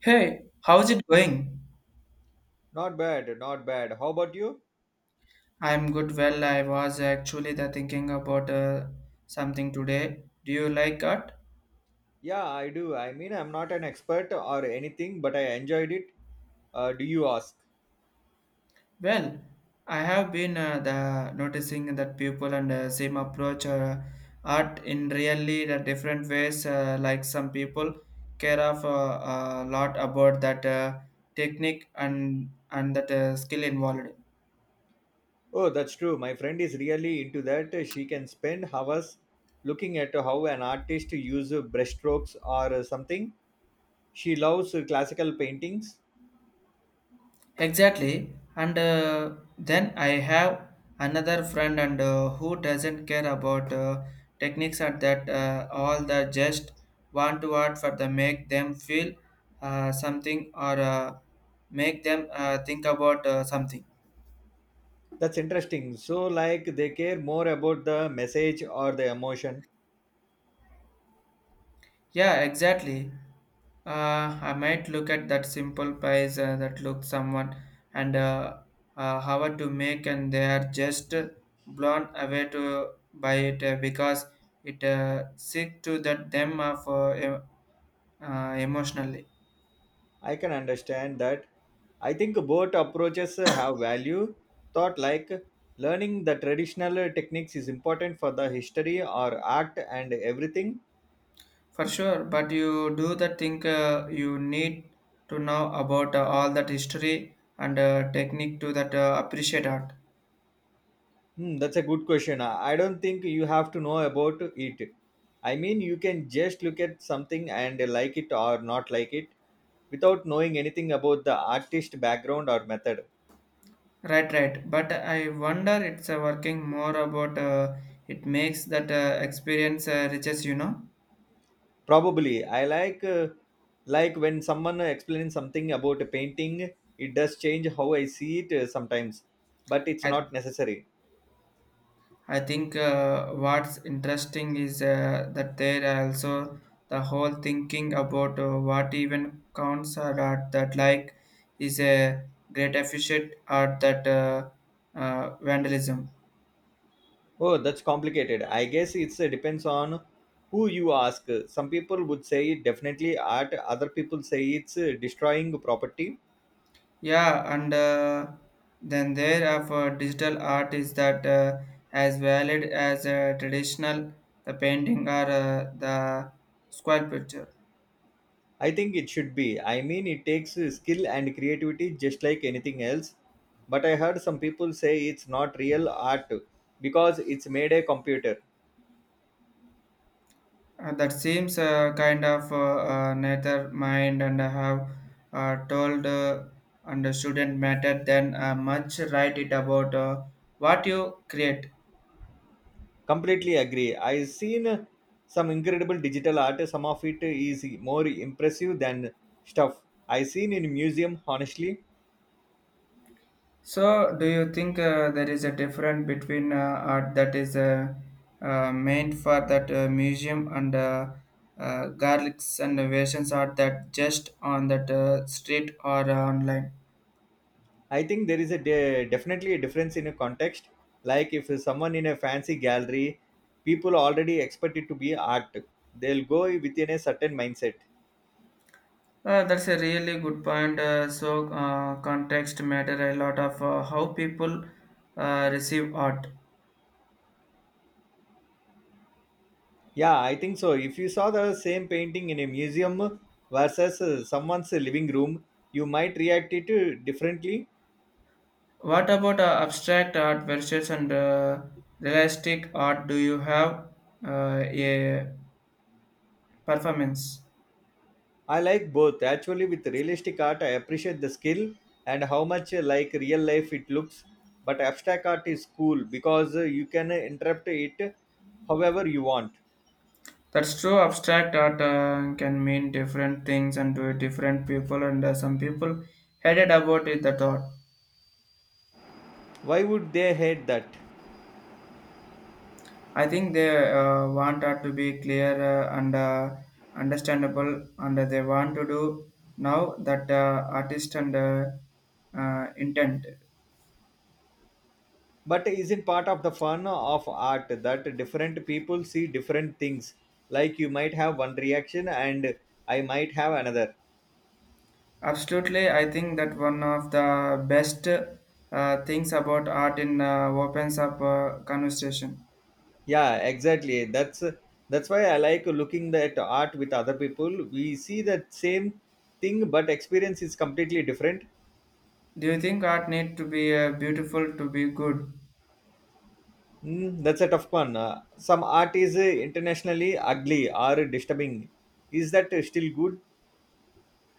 Hey, how's it going? Not bad, not bad. How about you? I'm good. Well, I was actually the thinking about something today. Do you like art? Yeah, I do. I mean, I'm not an expert or anything, but I enjoyed it. Do you ask? Well, I have been the noticing that people and same approach art in really the different ways. Like some people care of a lot about that technique and that skill involved. Oh, that's true. My friend is really into that. She can spend hours looking at how an artist uses brushstrokes or something. She loves classical paintings. Exactly. And then I have another friend and who doesn't care about techniques and that all the just want to art for the make them feel something or make them think about something. That's interesting. So, like, they care more about the message or the emotion. Yeah, exactly. I might look at that simple pies that look someone and how to make, and they are just blown away to by it because it sick to that them of emotionally I can understand that. I think both approaches have value. Thought like learning the traditional techniques is important for the history or art and everything. for sure. But you do the think you need to know about all that history and technique to that appreciate art. Hmm, that's a good question. I don't think you have to know about it. I mean, you can just look at something and like it or not like it without knowing anything about the artist background or method. Right, right. But I wonder it's working more about it makes that experience riches, you know. Probably, I like when someone explains something about a painting, it does change how I see it sometimes, but it's I, not necessary. I think what's interesting is that there are also the whole thinking about what even counts or not that like is a great efficient or that vandalism. Oh, that's complicated. I guess it's depends on who you ask. Some people would say it definitely art, other people say it's destroying property. Yeah, and then there of digital art is that as valid as traditional the painting or the sculpture. I think it should be. I mean, it takes skill and creativity just like anything else. But I heard some people say it's not real art because it's made a computer. That seems kind of neither mind and have told and shouldn't matter then much write it about what you create. Completely agree. I've seen some incredible digital art. Some of it is more impressive than stuff I've seen in museum. Honestly, So, do you think there is a difference between art that is meant for that museum and garlics and variations art that just on that street or online? I think there is a definitely a difference in a context. Like if someone in a fancy gallery, people already expect it to be art. They'll go within a certain mindset. That's a really good point. So, context matter a lot of how people receive art. Yeah, I think so. If you saw the same painting in a museum versus someone's living room, you might react it differently. What about abstract art versus and realistic art? Do you have a performance? I like both. Actually, with realistic art, I appreciate the skill and how much like real life it looks. But abstract art is cool because you can interpret it however you want. That's true. Abstract art can mean different things and to different people, and some people headed about it. The thought. Why would they hate that? I think they want art to be clear and understandable, and they want to do now that artist and intent. But isn't part of the fun of art that different people see different things? Like you might have one reaction and I might have another. Absolutely, I think that one of the best things about art in opens up conversation. Yeah, exactly, that's why I like looking at art with other people. We see that same thing but experience is completely different. Do you think art need to be beautiful to be good? Mm, that's a tough one. Some art is internationally ugly or disturbing. Is that still good?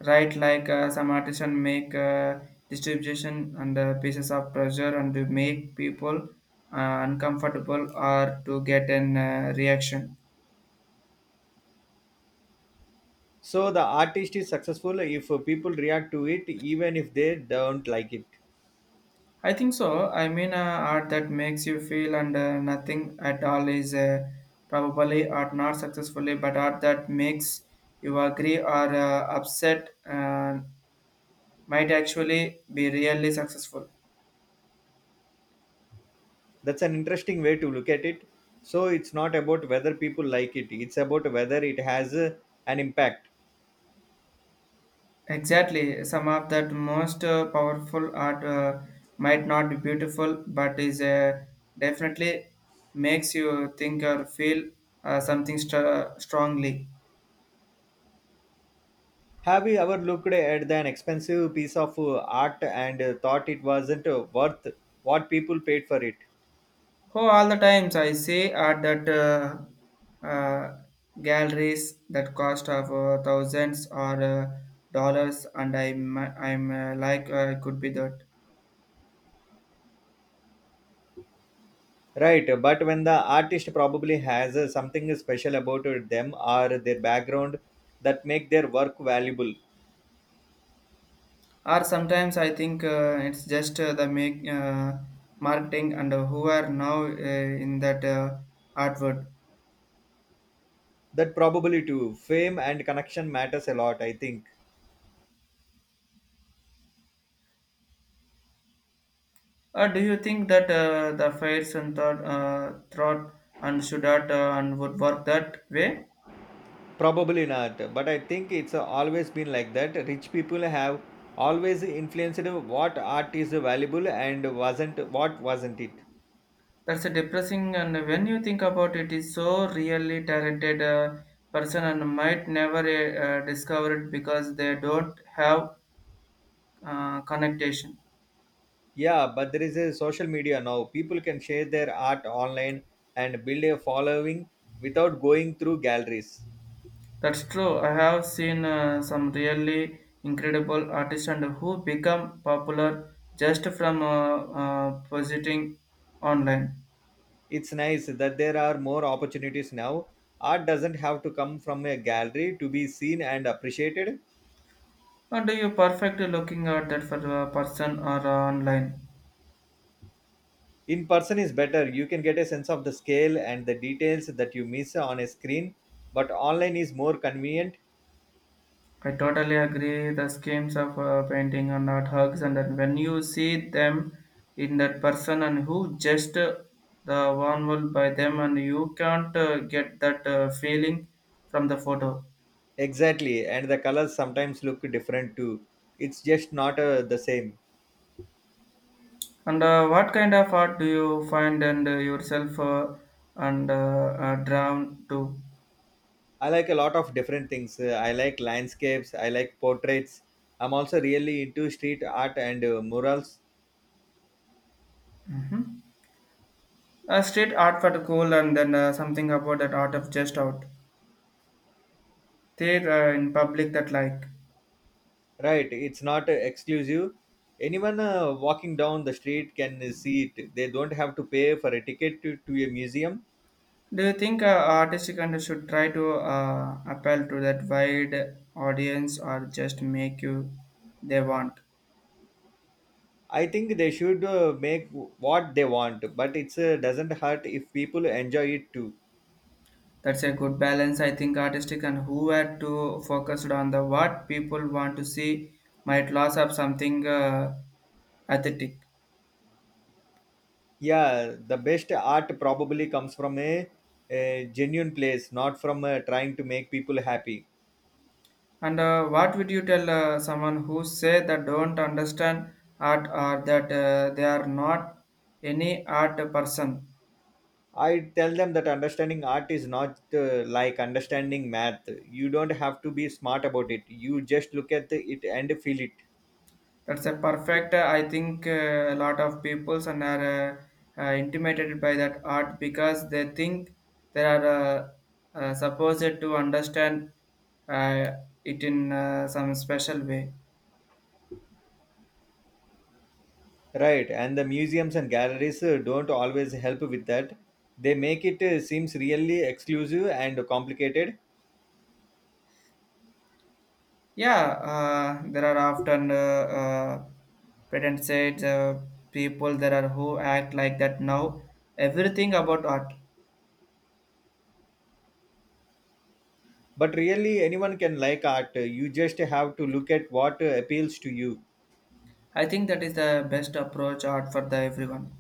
Right, like some artisan make distribution and pieces of pressure and to make people uncomfortable or to get an reaction. So the artist is successful if people react to it even if they don't like it. I think so. I mean, art that makes you feel and nothing at all is probably art not successfully, but art that makes you agree or upset might actually be really successful. That's an interesting way to look at it. So it's not about whether people like it, it's about whether it has an impact. Exactly, some of that most powerful art might not be beautiful, but is definitely makes you think or feel something str- strongly. Have you ever looked at an expensive piece of art and thought it wasn't worth what people paid for it? Oh, all the times I see art that galleries that cost of thousands or dollars, and I'm like could be that. Right, but when the artist probably has something special about them or their background that make their work valuable, Or sometimes I think it's just the make marketing and who are now in that artwork. that probably too. Fame and connection matters a lot, I think. Do you think that the fairs and thought and should not and would work that way. Probably not, but I think it's always been like that. Rich people have always influenced what art is valuable and wasn't what wasn't it. That's a depressing and when you think about it is so really talented person and might never discover it because they don't have connectation. Yeah, but there is a social media now. People can share their art online and build a following without going through galleries. That's true. I have seen some really incredible artists and who become popular just from positing online. It's nice that there are more opportunities now. Art doesn't have to come from a gallery to be seen and appreciated. Or do you perfect looking at that for a person or online? In person is better. You can get a sense of the scale and the details that you miss on a screen, but online is more convenient. I totally agree. The schemes of painting are not hugs, and then when you see them in that person and who just the one will by them, and you can't get that feeling from the photo. Exactly, and the colors sometimes look different too. It's just not the same. And what kind of art do you find and yourself and drawn to? I like a lot of different things. I like landscapes, I like portraits. I'm also really into street art and murals. Street art for the cool and then something about that art of just out there in public that like. Right, it's not exclusive. Anyone walking down the street can see it. They don't have to pay for a ticket to a museum. Do you think artists kind of should try to appeal to that wide audience or just make you they want? I think they should make what they want, but it doesn't hurt if people enjoy it too. That's a good balance. I think artistic and who are too focused on the what people want to see might lose up something aesthetic. Yeah, the best art probably comes from a genuine place, not from trying to make people happy. And what would you tell someone who say that don't understand art or that they are not any art person? I tell them that understanding art is not like understanding math. You don't have to be smart about it. You just look at it and feel it. That's a perfect. I think a lot of peoples and are intimidated by that art because they think they are supposed to understand uh, it in some special way. Right. And the museums and galleries don't always help with that. They make it seems really exclusive and complicated. Yeah, there are often patent said people there are who act like that now. Everything about art. But really, anyone can like art. You just have to look at what appeals to you. I think that is the best approach art for the everyone.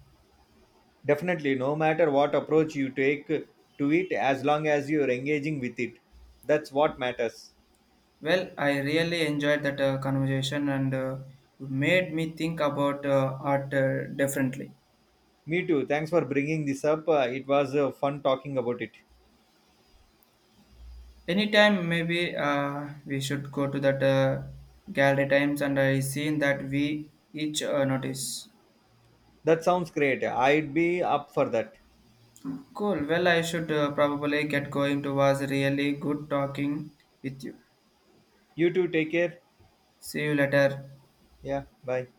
Definitely, no matter what approach you take to it, as long as you're engaging with it, that's what matters. Well, I really enjoyed that conversation and you made me think about art differently. Me too. Thanks for bringing this up. It was fun talking about it. Anytime maybe we should go to that gallery times and I seen that we each notice. That sounds great. I'd be up for that. Cool. Well, I should probably get going. It was really good talking with you. You too. Take care. See you later. Yeah. Bye.